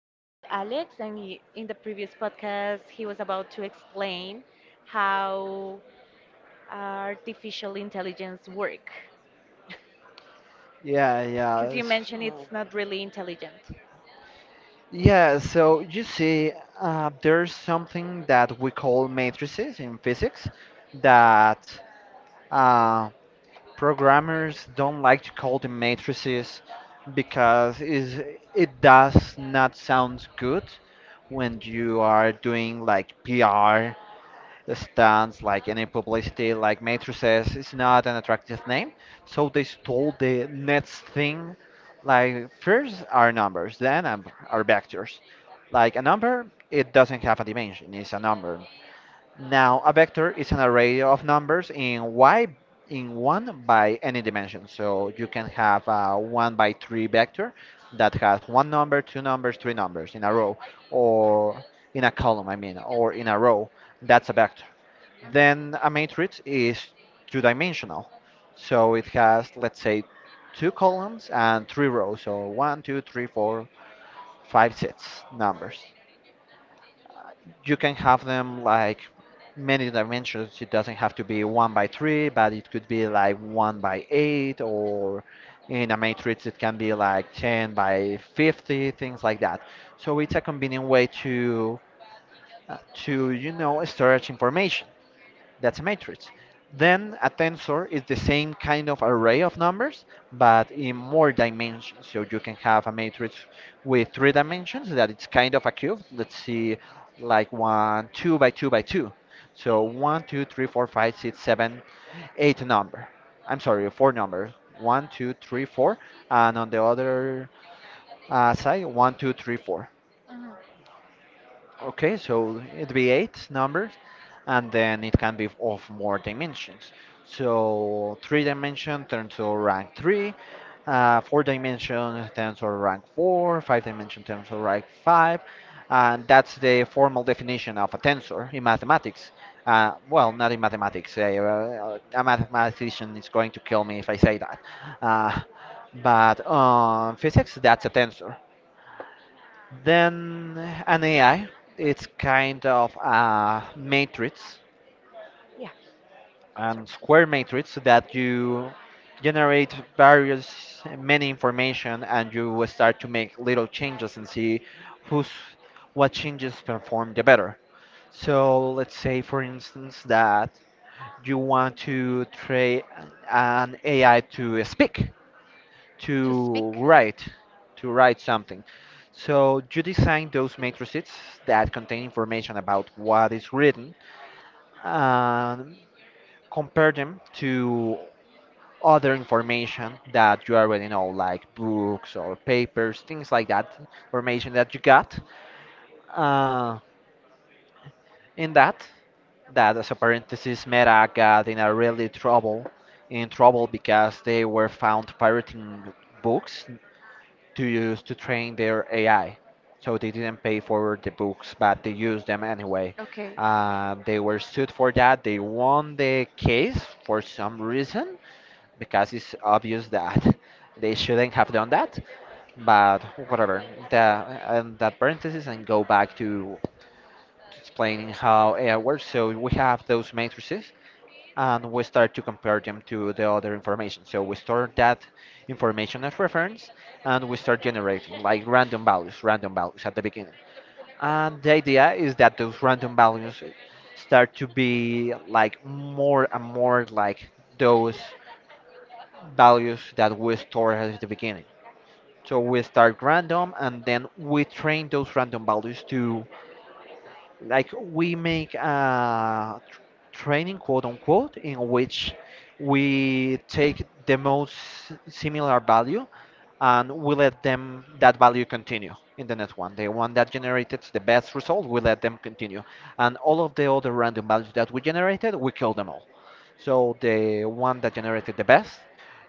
I'm with Alex, and in the previous podcast, he was about to explain how artificial intelligence work. Yeah, yeah. Because you mentioned it's not really intelligent. Yeah, so you see, there's something that we call matrices in physics that uh, programmers don't like to call them matrices because is it does not sound good when you are doing like PR the stands, like any publicity, like matrices is not an attractive name. So they stole the next thing. Like first are numbers, then are vectors. Like a number, it doesn't have a dimension; it's a number. Now a vector is an array of numbers in one by any dimension. So you can have a one by three vector that has one number, two numbers, three numbers in a row, or in a column, I mean, or in a row. That's a vector. Then a Mhm. matrix is two-dimensional. So it has, let's say, two columns and three rows, so one, two, three, four, five, six numbers. You can have them like many dimensions. It doesn't have to be one by three, but it could be like one by eight, or in a matrix, it can be like 10 by 50, things like that. So it's a convenient way to storage information. That's a matrix. Then a tensor is the same kind of array of numbers, but in more dimensions. So you can have a matrix with three dimensions that it's kind of a cube. Let's see, like one, two by two by two. So one, two, three, four, five, six, seven, eight number. I'm sorry, four number. One, two, three, four, and on the other side, one, two, three, four. Mhm. Okay, so it'd be eight numbers, and then it can be of more dimensions. So three dimension turns to rank three, four dimension turns to rank four, five dimension turns to rank five, and that's the formal definition of a tensor in mathematics. Well, not in mathematics. A mathematician is going to kill me if I say that. Uh, but physics, that's a tensor. Then an AI, it's kind of a matrix, Yeah, sorry. and square matrix that you generate various many information and you will start to make little changes and see who's what changes perform the better. So let's say for instance that you want to train an AI to speak. To to speak? write to write something. So you design those matrices that contain information about what is written and compare them to other information that you already know, like books or papers, things like that, information that you got. Uh, in that, that as a parenthesis, Meta got in a really trouble, in trouble because they were found pirating books to use to train their AI. So they didn't pay for the books, but they used them anyway. Okay. They were sued for that. They won the case for some reason because it's obvious that they shouldn't have done that. But whatever, that, and that parenthesis and go back to explaining how AI works. So we have those matrices and we start to compare them to the other information. So we store that information as reference and we start generating like random values at the beginning. And the idea is that those random values start to be like more and more like those values that we store at the beginning. So we start random and then we train those random values to like we make a training quote unquote in which we take the most similar value and we let them that value continue in the next one, the one that generated the best result we let them continue, and all of the other random values that we generated we kill them all. So the one that generated the best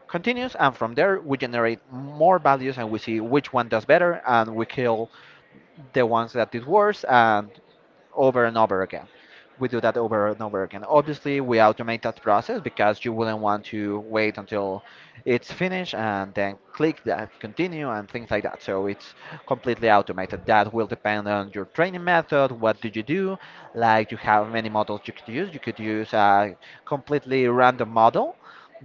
continues, and from there we generate more values and we see which one does better and we kill the ones that did worse, and over again. We do that over and over again. Obviously, we automate that process because you wouldn't want to wait until it's finished and then click that continue and things like that. So it's completely automated. That will depend on your training method. What do you do? Like you have many models you could use. You could use a completely random model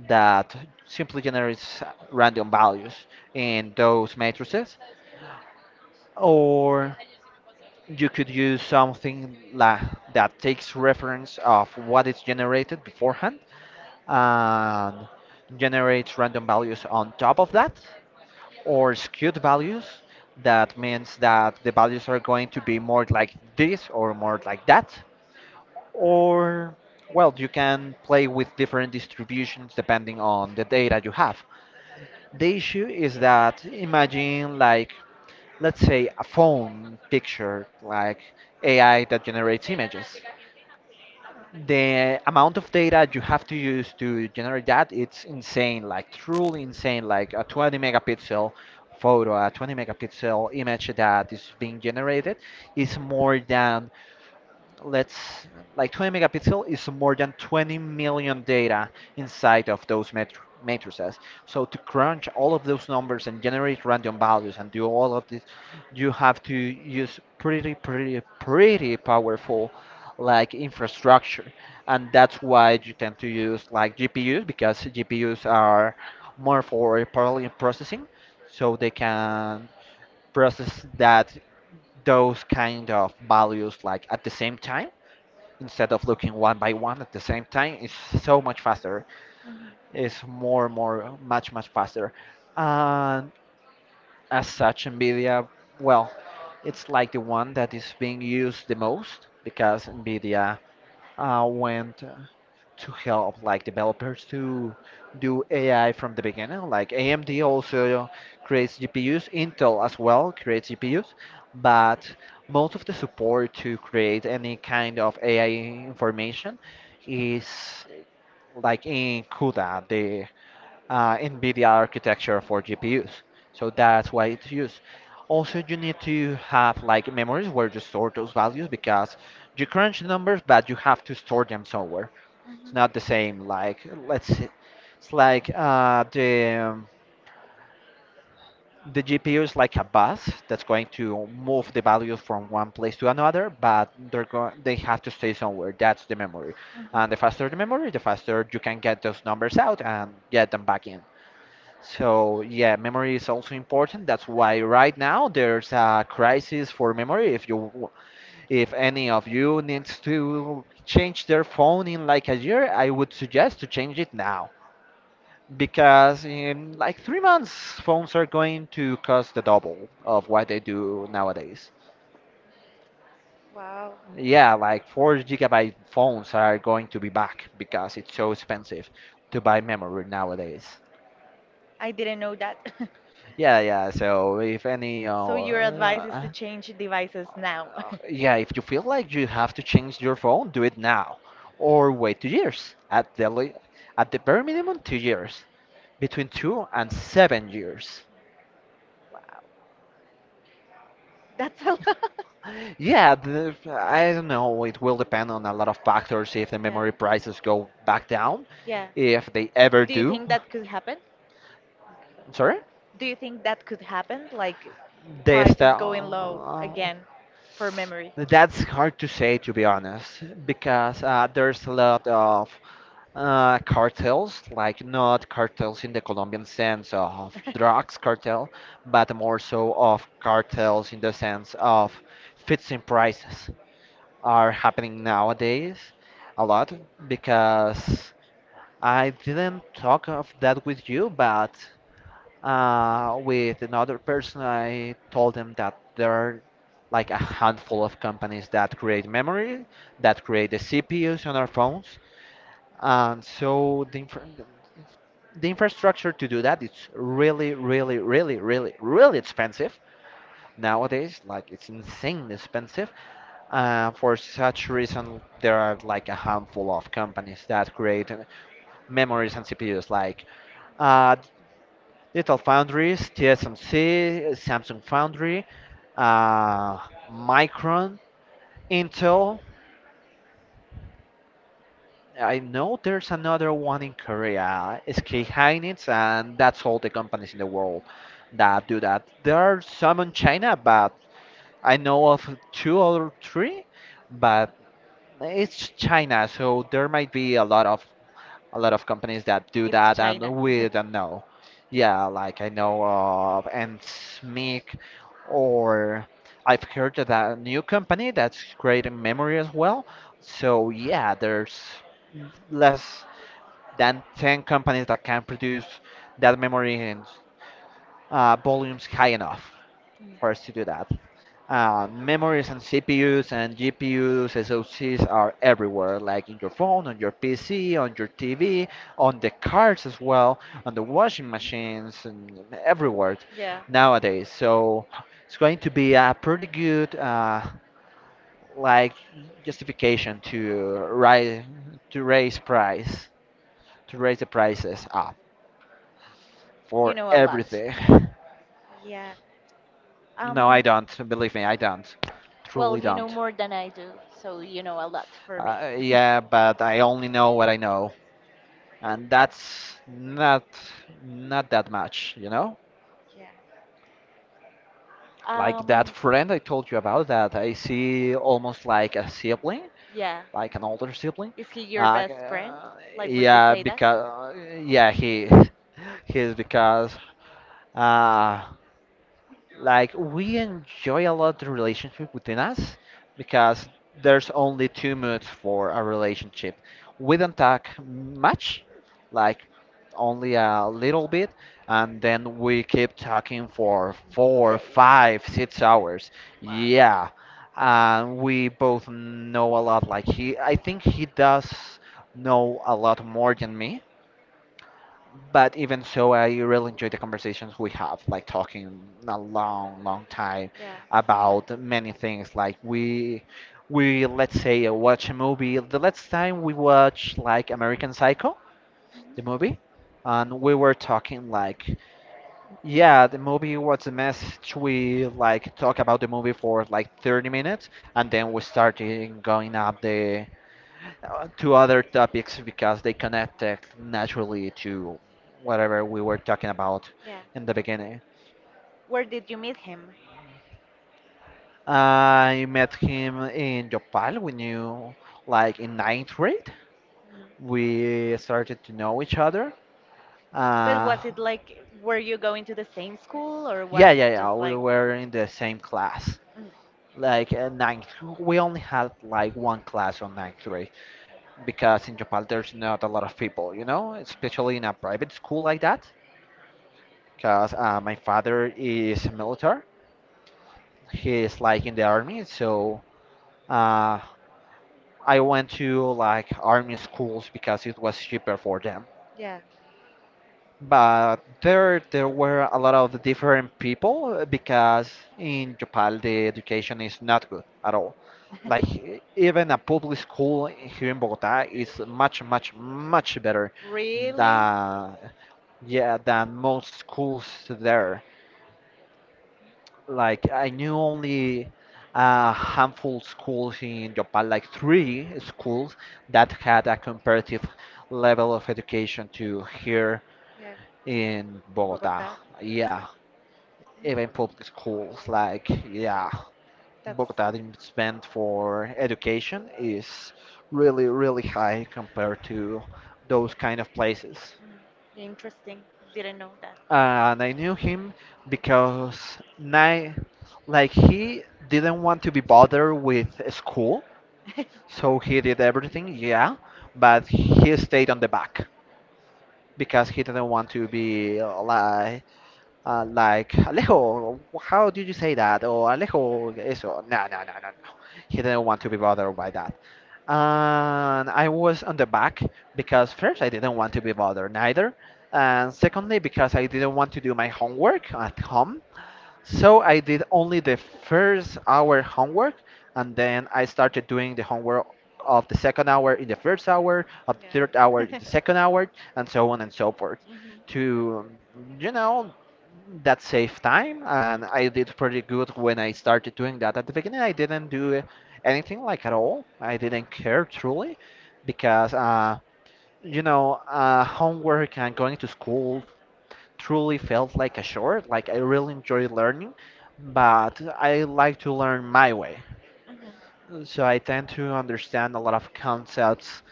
that simply generates random values in those matrices, or you could use something la that takes reference of what is generated beforehand and generates random values on top of that, or skewed values, that means that the values are going to be more like this or more like that, or well, you can play with different distributions depending on the data you have. The issue is that imagine like let's say a phone picture like AI that generates images. The amount of data you have to use to generate that it's insane, like truly insane, like a 20 megapixel photo, a 20 megapixel image that is being generated is more than let's like 20 megapixel is more than 20 million data inside of those metr matrices. So to crunch all of those numbers and generate random values and do all of this, you have to use pretty, pretty, pretty powerful like infrastructure, and that's why you tend to use like GPUs because GPUs are more for parallel processing, so they can process that those kind of values like at the same time instead of looking one by one. At the same time it's so much faster. Mhm, It's more, more, much, much faster. And as such, NVIDIA, well, it's like the one that is being used the most because NVIDIA went to help like developers to do AI from the beginning. Like AMD also creates GPUs, Intel as well creates GPUs, but most of the support to create any kind of AI information is like in CUDA, the NVIDIA architecture for GPUs. So that's why it's used. Also, you need to have like memories where you store those values because you crunch numbers, but you have to store them somewhere. It's mhm, not the same. It's like the GPU is like a bus that's going to move the values from one place to another, but they have to stay somewhere. That's the memory, mhm. and the faster the memory, the faster you can get those numbers out and get them back in. So yeah, memory is also important. That's why right now there's a crisis for memory. If any of you needs to change their phone in like a year, I would suggest to change it now. Because in like 3 months, phones are going to cost the double of what they do nowadays. Wow, Yeah, like 4 gigabyte phones are going to be back because it's so expensive to buy memory nowadays. I didn't know that. Yeah, yeah. So if any, So your advice is to change devices now. yeah, if you feel like you have to change your phone, do it now, or wait 2 years. At the bare minimum, 2 years. Between 2 and 7 years. Wow, that's a lot. Yeah, the, I don't know. It will depend on a lot of factors if the Yeah. memory prices go back down, Yeah. if they ever Do you do. think that could happen? Sorry? Do you think that could happen? Like They prices sta- going low again for memory? that's hard to say, to be honest, because there's a lot of cartels, like not cartels in the Colombian sense of drugs cartel, but more so of cartels in the sense of fixing prices are happening nowadays a lot because I didn't talk of that with you, but with another person, I told them that there are like a handful of companies that create memory, that create the CPUs on our phones, and so the infrastructure to do that it's really, really, really, really, really expensive nowadays. Like it's insanely expensive. For such reason, there are like a handful of companies that create memories and CPUs, like uh, digital foundries, TSMC, Samsung Foundry, uh, Micron, Intel. I know there's another one in Korea, SK Hynix, and that's all the companies in the world that do that. There are some in China, but I know of two or three, but it's China, so there might be a lot of companies that do It's that, and China. we don't know. Yeah, like I know of Nsmic, or I've heard of a new company that's creating memory as well. So yeah, there's less than 10 companies that can produce that memory in volumes high enough Mm. for us to do that. Memories and CPUs and GPUs, SoCs are everywhere, like in your phone, on your PC, on your TV, on the cars as well, on the washing machines, and everywhere Yeah. nowadays. So it's going to be a pretty good like justification to rise to raise price to raise the prices up You for know a lot. everything. Yeah. No, Um, I don't. Believe me, I don't. well, Truly you know don't. more than I do, so you know a lot for me. Yeah, but I only know what I know, and that's not that much, you know? Yeah. Like that Um, friend I told you about that I see almost like a sibling, yeah. like an older sibling. Is he your like, best friend? Uh, Like, would you yeah, say that? because yeah, he he's because uh we enjoy a lot the relationship within us because there's only two moods for a relationship. We don't talk much, like only a little bit, and then we keep talking for four, Days. five, 6 hours. Wow. Yeah, and we both know a lot. I think he does know a lot more than me, but even so, I really enjoy the conversations we have, like talking a long, long time Yeah. about many things. We let's say watch a movie. The last time we watched like American Psycho, Mhm. the movie, and we were talking like, yeah, the movie was a message. We like talk about the movie for like 30 minutes, and then we started going up the to other topics because they connected naturally to whatever we were talking about Yeah. in the beginning. Where did you meet him? I met him in Yopal. We knew like in ninth grade. Mm. We started to know each other. But was Uh, it like, were you going to the same school or yeah, was yeah, yeah. just We like, were in the same class. Mm. Like uh, ninth, we only had like one class on ninth grade because in Yopal there's not a lot of people, you know, especially in a private school like that because my father is military, he's like in the army, so uh, I went to like army schools because it was cheaper for them. Yeah. But there were a lot of different people because in Japan the education is not good at all. Like even a public school here in Bogota is much, much, much better Really? than, yeah, than most schools there. Like I knew only a handful schools in Japan, like three schools that had a comparative level of education to here Yeah. in In Bogota. Bogota. Yeah, even public schools, like, yeah, That's Bogota the spend for education is really really high compared to those kind of places. mm, interesting. Didn't know that. And I knew him because like he didn't want to be bothered with school, so he did everything, yeah, but he stayed on the back because he didn't want to be like, Alejo, how did you say that? Or Alejo, eso. No, no, no, no, no. He didn't want to be bothered by that. And I was on the back because first I didn't want to be bothered neither. And secondly, because I didn't want to do my homework at home. So I did only the first hour homework, and then I started doing the homework of the second hour in the first hour, of the third hour Yeah. in the second hour, and so on and so forth. Mhm, To, you know, that saved time, and I did pretty good. When I started doing that, at the beginning I didn't do anything, like at all. I didn't care, truly, because homework and going to school truly felt like a chore. Like I really enjoy learning, but I like to learn my way, mhm. so I tend to understand a lot of concepts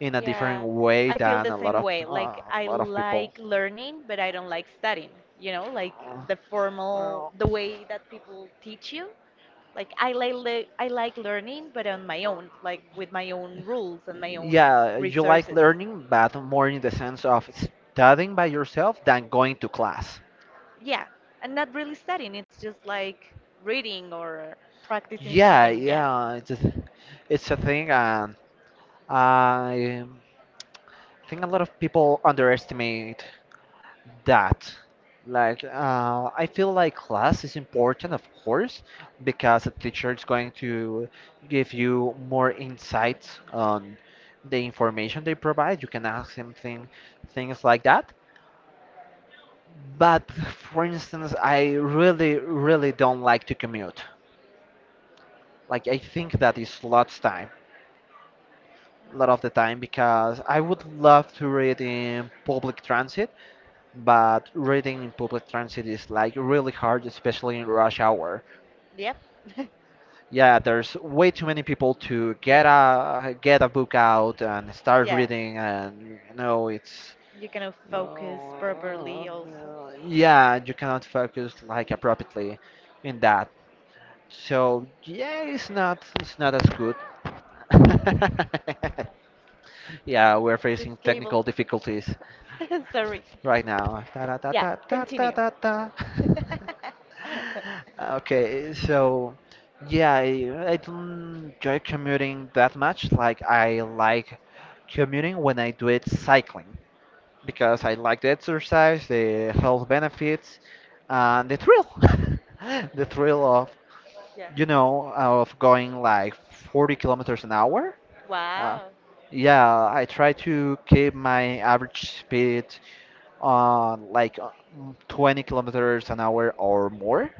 in a different Yeah, way I feel than the a lot same of way. uh, Like a I lot of people. like learning, but I don't like studying. You know, like Uh, the formal, well, the way that people teach you, like I I like learning, but on my own, like with my own rules and my own Yeah, you like resources. learning, but more in the sense of studying by yourself than going to class. Yeah, and not really studying. It's just like reading or practicing Yeah, something. Yeah. yeah, it's a, it's a thing, and I think a lot of people underestimate that. Like, I feel like class is important, of course, because the teacher is going to give you more insights on the information they provide. You can ask him things like that. But for instance, I really, really don't like to commute. Like I think that is lots time, A lot of the time, because I would love to read in public transit, but reading in public transit is like really hard, especially in rush hour. Yep. Yeah, there's way too many people to Yeah. Get a book out and start Yeah, reading, and you know it's. you can focus No, properly also. no, Yeah, you cannot focus like appropriately in that. So yeah, it's not as good. Yeah, we're The facing cable. technical difficulties Sorry. right now. Ta da da Yeah, da da da continue. da da. Okay, so yeah, I don't enjoy commuting that much. Like I like commuting when I do it cycling because I like the exercise, the health benefits, and the thrill, the thrill of, Yeah. you know, of going like 40 kilometers an hour. Uh, Wow. yeah, I try to keep my average speed on 20 kilometers an hour or more.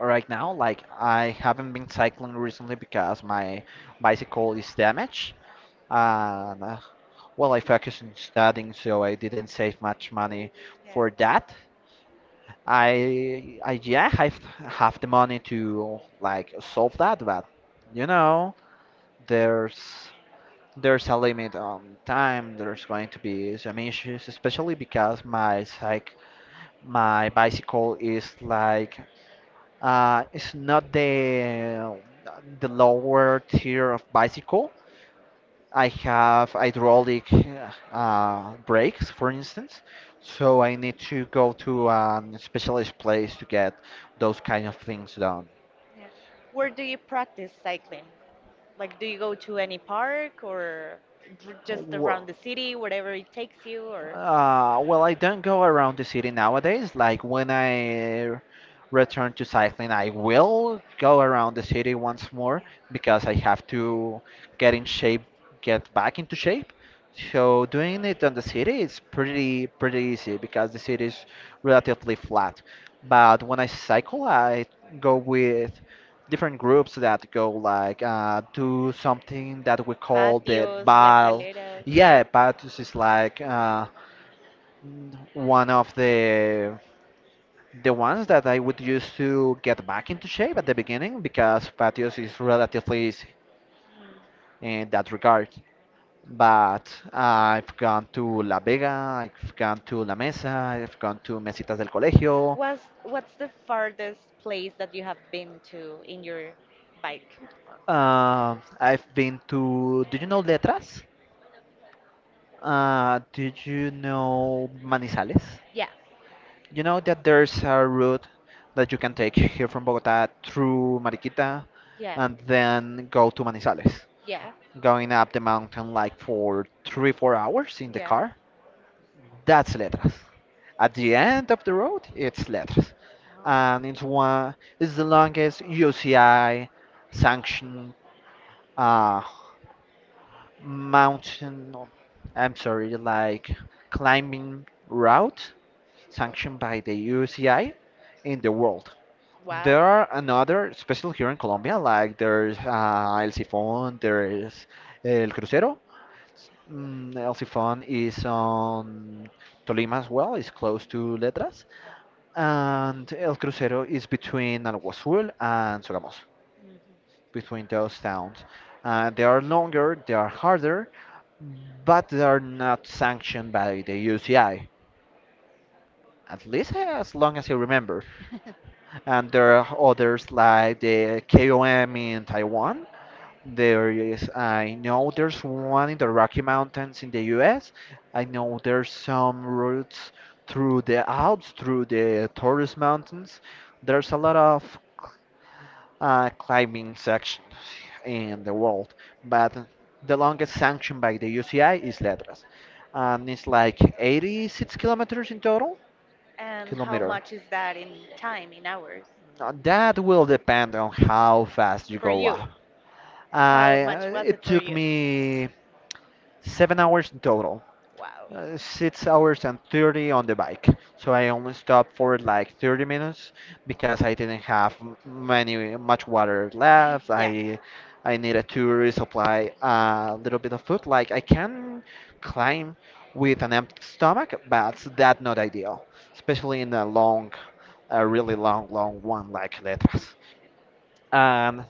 Right now, like I haven't been cycling recently because my bicycle is damaged, and well, I focused on studying, so I didn't save much money for Yeah. that. I Yeah, I have the money to like solve that, but you know, there's there's a limit on time. There's going to be some issues, especially because my bicycle is like it's not the lower tier of bicycle. I have hydraulic brakes, for instance, so I need to go to a specialized place to get those kind of things done. Yeah. Where do you practice cycling? Like, do you go to any park or just Wha- around the city, wherever it takes you, or well, I don't go around the city nowadays. Like when I return to cycling, I will go around the city once more yeah. because I have to get in shape, get back into shape. So doing it on the city is pretty pretty easy because the city is relatively flat. But when I cycle, I go with different groups that go like do something that we call the Patios, la bal. calera? Yeah, Patus is like one of the ones that I would use to get back into shape at the beginning because patios is relatively easy Mm. in that regard. But I've gone to La Vega, I've gone to La Mesa, I've gone to Mesitas del Colegio. What's the farthest place that you have been to in your bike? I've been to, do you know Letras? Did you know Manizales? Yeah, You know that there's a route that you can take here from Bogota through Mariquita yeah, and then go to Manizales, yeah, going up the mountain like for three, 4 hours in the yeah. car. That's Letras. At the end of the road, it's Letras. Oh. And it's the longest UCI sanctioned uh, mountain, no, I'm sorry, like climbing route sanctioned by the UCI in the world. Wow. There are another, especially here in Colombia, like there's El Sifón, there's El Crucero. Mm, El Sifón is on Tolima as well, it's close to Letras. And El Crucero is between Alguazul and Sogamoso, Mhm. between those towns. They are longer, they are harder, but they are not sanctioned by the UCI, at least as long as I remember. And there are others like the KOM in Taiwan. There is, I know there's one in the Rocky Mountains in the US. I know there's some routes through the Alps, through the Taurus Mountains. There's a lot of climbing sections in the world, but the longest sanctioned by the UCI is Letras, and it's like 86 kilometers in total. And how Kilometer. much is that in time, in hours? Now, that will depend on how fast you For go you, up. how I much was it It for took you? me 7 hours in total. Wow. Uh, 6 hours and 30 on the bike. So I only stopped for like 30 minutes because I didn't have m- many much water left. Yeah. I needed to resupply a little bit of food. Like I can climb with an empty stomach, but that's not ideal, especially in a really long, long one like Letras. And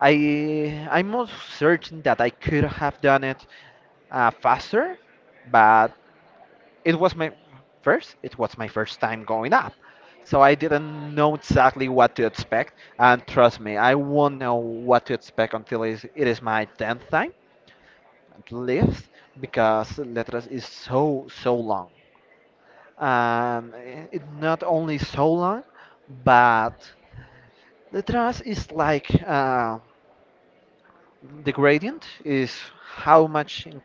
I'm most certain that I could have done it faster, but it was my it was my first time going up, so I didn't know exactly what to expect. And trust me, I won't know what to expect until it is my 10th time at least, because Letras is so so long. And it not only so long, but Letras is like, the gradient is how much in-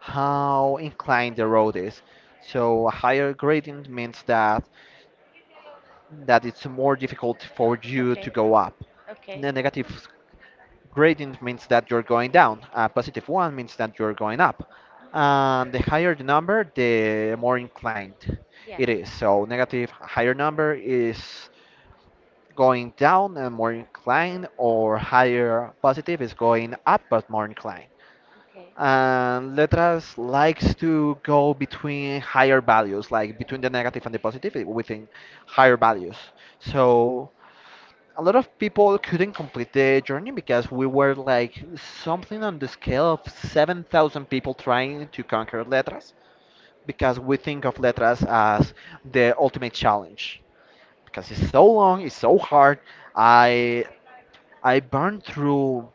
how inclined the road is. So a higher gradient means that it's more difficult for you to Okay. go up. Okay. The negative gradient means that you're going down. A positive one means that you're going up. And the higher the number, the more inclined Yeah. it is. So negative higher number Okay. is going down and more inclined, or higher positive is going up but more inclined. Okay. And Letras likes to go between higher values, like between the negative and the positive, within higher values. So a lot of people couldn't complete the journey because we were like something on the scale of 7,000 people trying to conquer Letras, because we think of Letras as the ultimate challenge because it's so long, it's so hard. I I burned through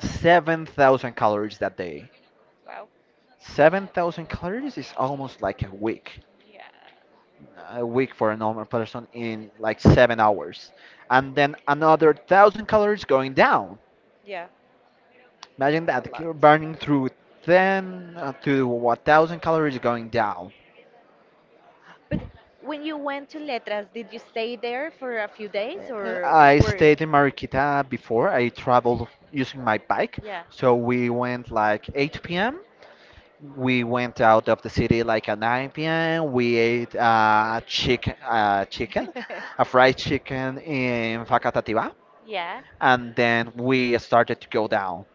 7,000 calories that day. Wow. 7,000 calories is almost like a week. Yeah. A week for a normal person in like 7 hours. And then another 1,000 calories going down. Yeah. Imagine That's a that lot. you're burning through 10 to 1,000 calories going down. But when you went to Letras, did you stay there for a few days or I were? stayed in Mariquita before. I traveled using my bike. Yeah. So we went like 8 p.m. We went out of the city like at 9 p.m. We ate chicken, chicken, a fried chicken in Facatativá. Yeah, And then we started to go down.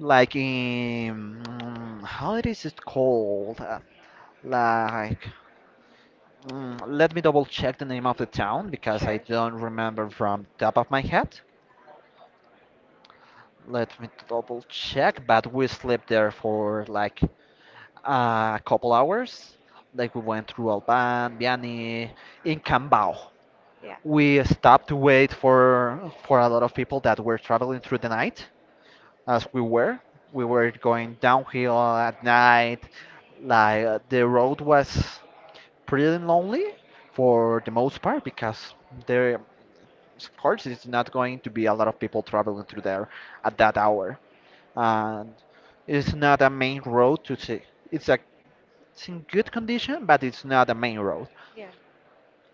Like in, how it is it called? Like Let me double check the name of the town because I sure. don't remember from top of my head. Let me double check, but we slept there for like a couple hours. Like we went through Alban, Vianney, in Cambao. Yeah, We stopped to wait for a lot of people that were traveling through the night, as we were. We were going downhill at night. Like the road was pretty lonely for the most part because there of course it's not going to be a lot of people traveling through there at that hour, and it's not a main road to see. It's a, it's in good condition, but it's not a main road. yeah.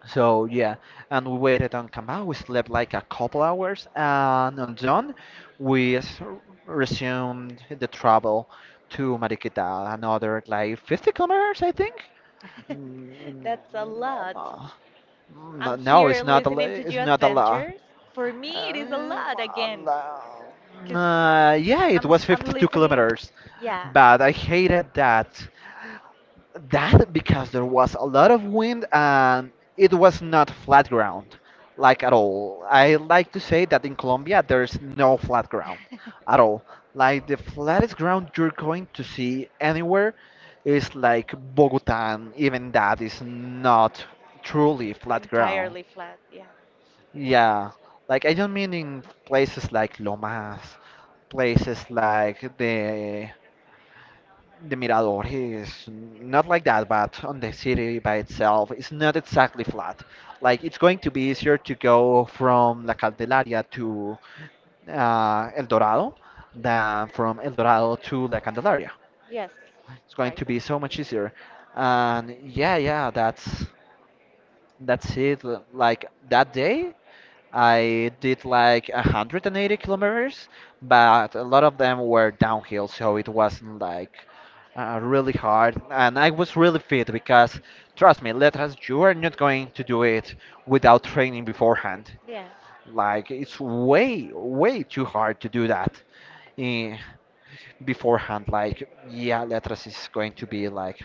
So yeah, and we waited on Kamau. We slept like a couple hours, and on dawn we resumed the travel to Mariquita, another like 50 kilometers I think. Mm, That's a no, lot. I'm no, it's here not a, listening to it's your not a lot. adventures. For me, it is a lot again, because Yeah, it I'm was I'm 52 listening. kilometers, Yeah. but I hated that. That because there was a lot of wind, and it was not flat ground, like at all. I like to say that in Colombia there's no flat ground at all. Like the flattest ground you're going to see anywhere is like Bogota, and even that is not truly flat ground. Entirely flat, yeah. Yeah, like I don't mean in places like Lomas, places like the Miradores, not like that, but on the city by itself, it's not exactly flat. Like it's going to be easier to go from La Candelaria to El Dorado than from El Dorado to La Candelaria. Yeah. Yes, It's going right. to be so much easier. And yeah, yeah, that's it. Like that day, I did like 180 kilometers, but a lot of them were downhill, so it wasn't like really hard. And I was really fit because, trust me, letras, you are not going to do it without training beforehand. Yeah. Like, it's way, way too hard to do that eh, beforehand. Like, yeah, letras is going to be like,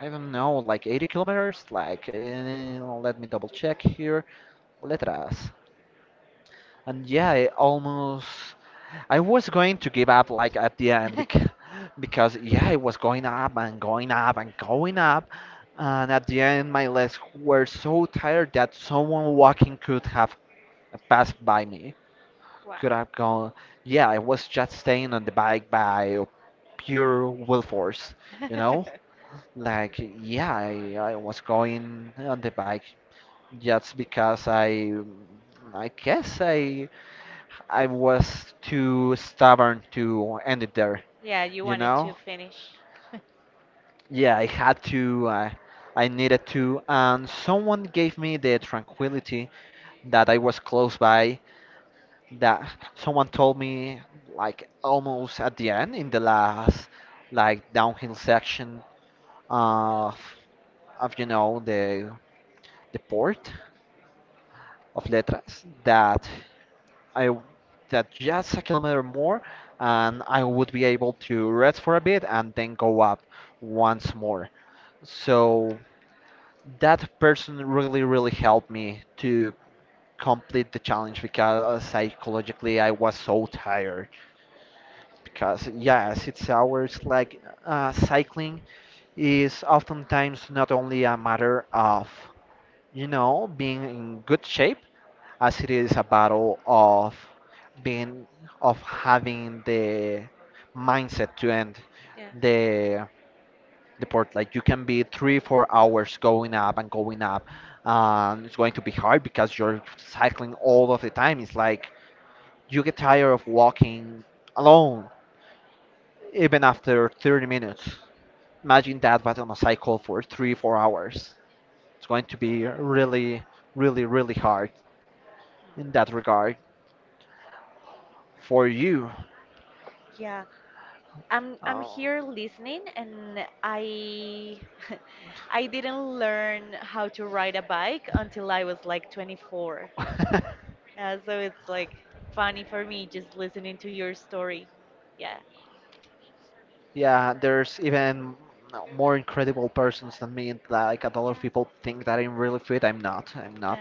I don't know, like 80 kilometers. Like, let me double check here. Letras. And yeah, I almost, I was going to give up like at the end because yeah, it was going up and going up and going up. And at the end, my legs were so tired that someone walking could have passed by me. Wow. Could have gone. Yeah, I was just staying on the bike by pure will force, you know? Like, yeah, I was going on the bike just because I guess I. I was too stubborn to end it there, Yeah, you you wanted to know? finish. Yeah, I had to, I needed to, and someone gave me the tranquility that I was close by, that someone told me, like, almost at the end, in the last, like, downhill section of, of the port of Letras, that I w- that just a kilometer more, and I would be able to rest for a bit and then go up once more. So that person really, really helped me to complete the challenge because psychologically I was so tired. Because yes, it's hours. Like cycling is oftentimes not only a matter of being in good shape as it is a battle of being, of having the mindset to end Yeah. the port. Like you can be 3 4 hours going up and going up, and it's going to be hard because you're cycling all of the time. It's like you get tired of walking alone even after 30 minutes. Imagine that but on a cycle for 3 4 hours. It's going to be really, really, really hard in that regard for you. Yeah. I'm Uh, here listening and I I didn't learn how to ride a bike until I was like 24. Yeah, so it's like funny for me just listening to your story. Yeah. Yeah, there's even more incredible persons than me. Like a lot of Yeah. people think that I'm really fit. I'm not. I'm No. not.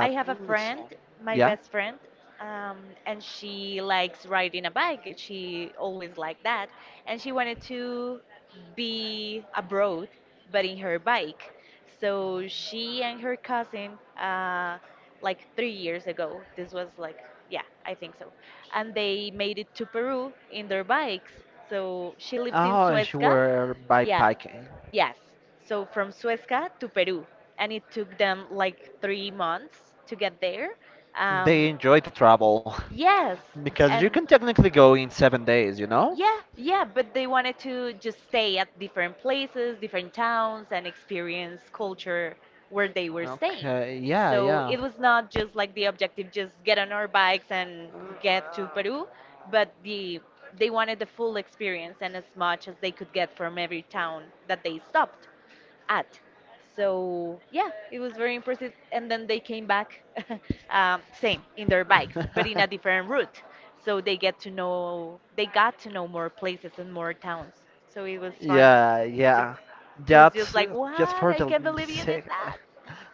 I have a it's, friend, my yeah, best friend, um, and she likes riding a bike. She always liked that, and she wanted to be abroad, but in her bike. So she and her cousin, like 3 years ago, this was like, yeah, I think so, and they made it to Peru in their bikes. So she lives in oh, she Suezca, were by yeah. biking. Yes. So from Suezca to Peru, and it took them like 3 months to get there. Um, They enjoy the travel. yes, Because you can and technically go in 7 days, you know? yeah, yeah, but they wanted to just stay at different places, different towns, and experience culture where they were staying. Okay, yeah, So yeah. it was not just like the objective, just get on our bikes and get to Peru, but they wanted the full experience and as much as they could get from every town that they stopped yeah, at. So yeah, it was very impressive. And then they came back, same in their bikes, but in a different route. So they got to know more places and more towns. So it was fun. Yeah, Just yeah. it was just Just, like just what? for I the can't believe you did sake, that.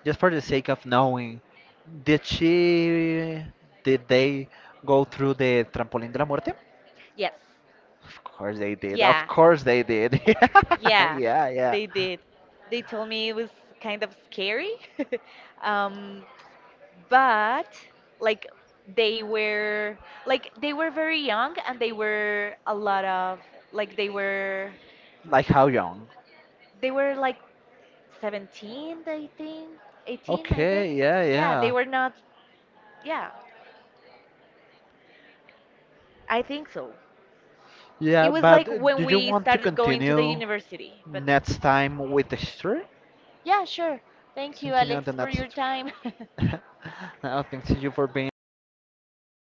just for the sake of knowing, did she, did they go through the trampoline de la muerte? Yes. Of course they did. Yeah, of Yeah. course they did. Yeah, Yeah, yeah. they did. They told me it was kind of scary. Um, but like they were they were very young and they were a lot of like they were Like how young? they were like 17 I think 18 I Okay, think yeah, yeah they yeah. were not yeah I think so. It Yeah, was like but do when you we want to started going to the continue university. But next time with the history? yeah, sure. Thank you, Continue Alex, the for next your history. time. No, thanks to you for being with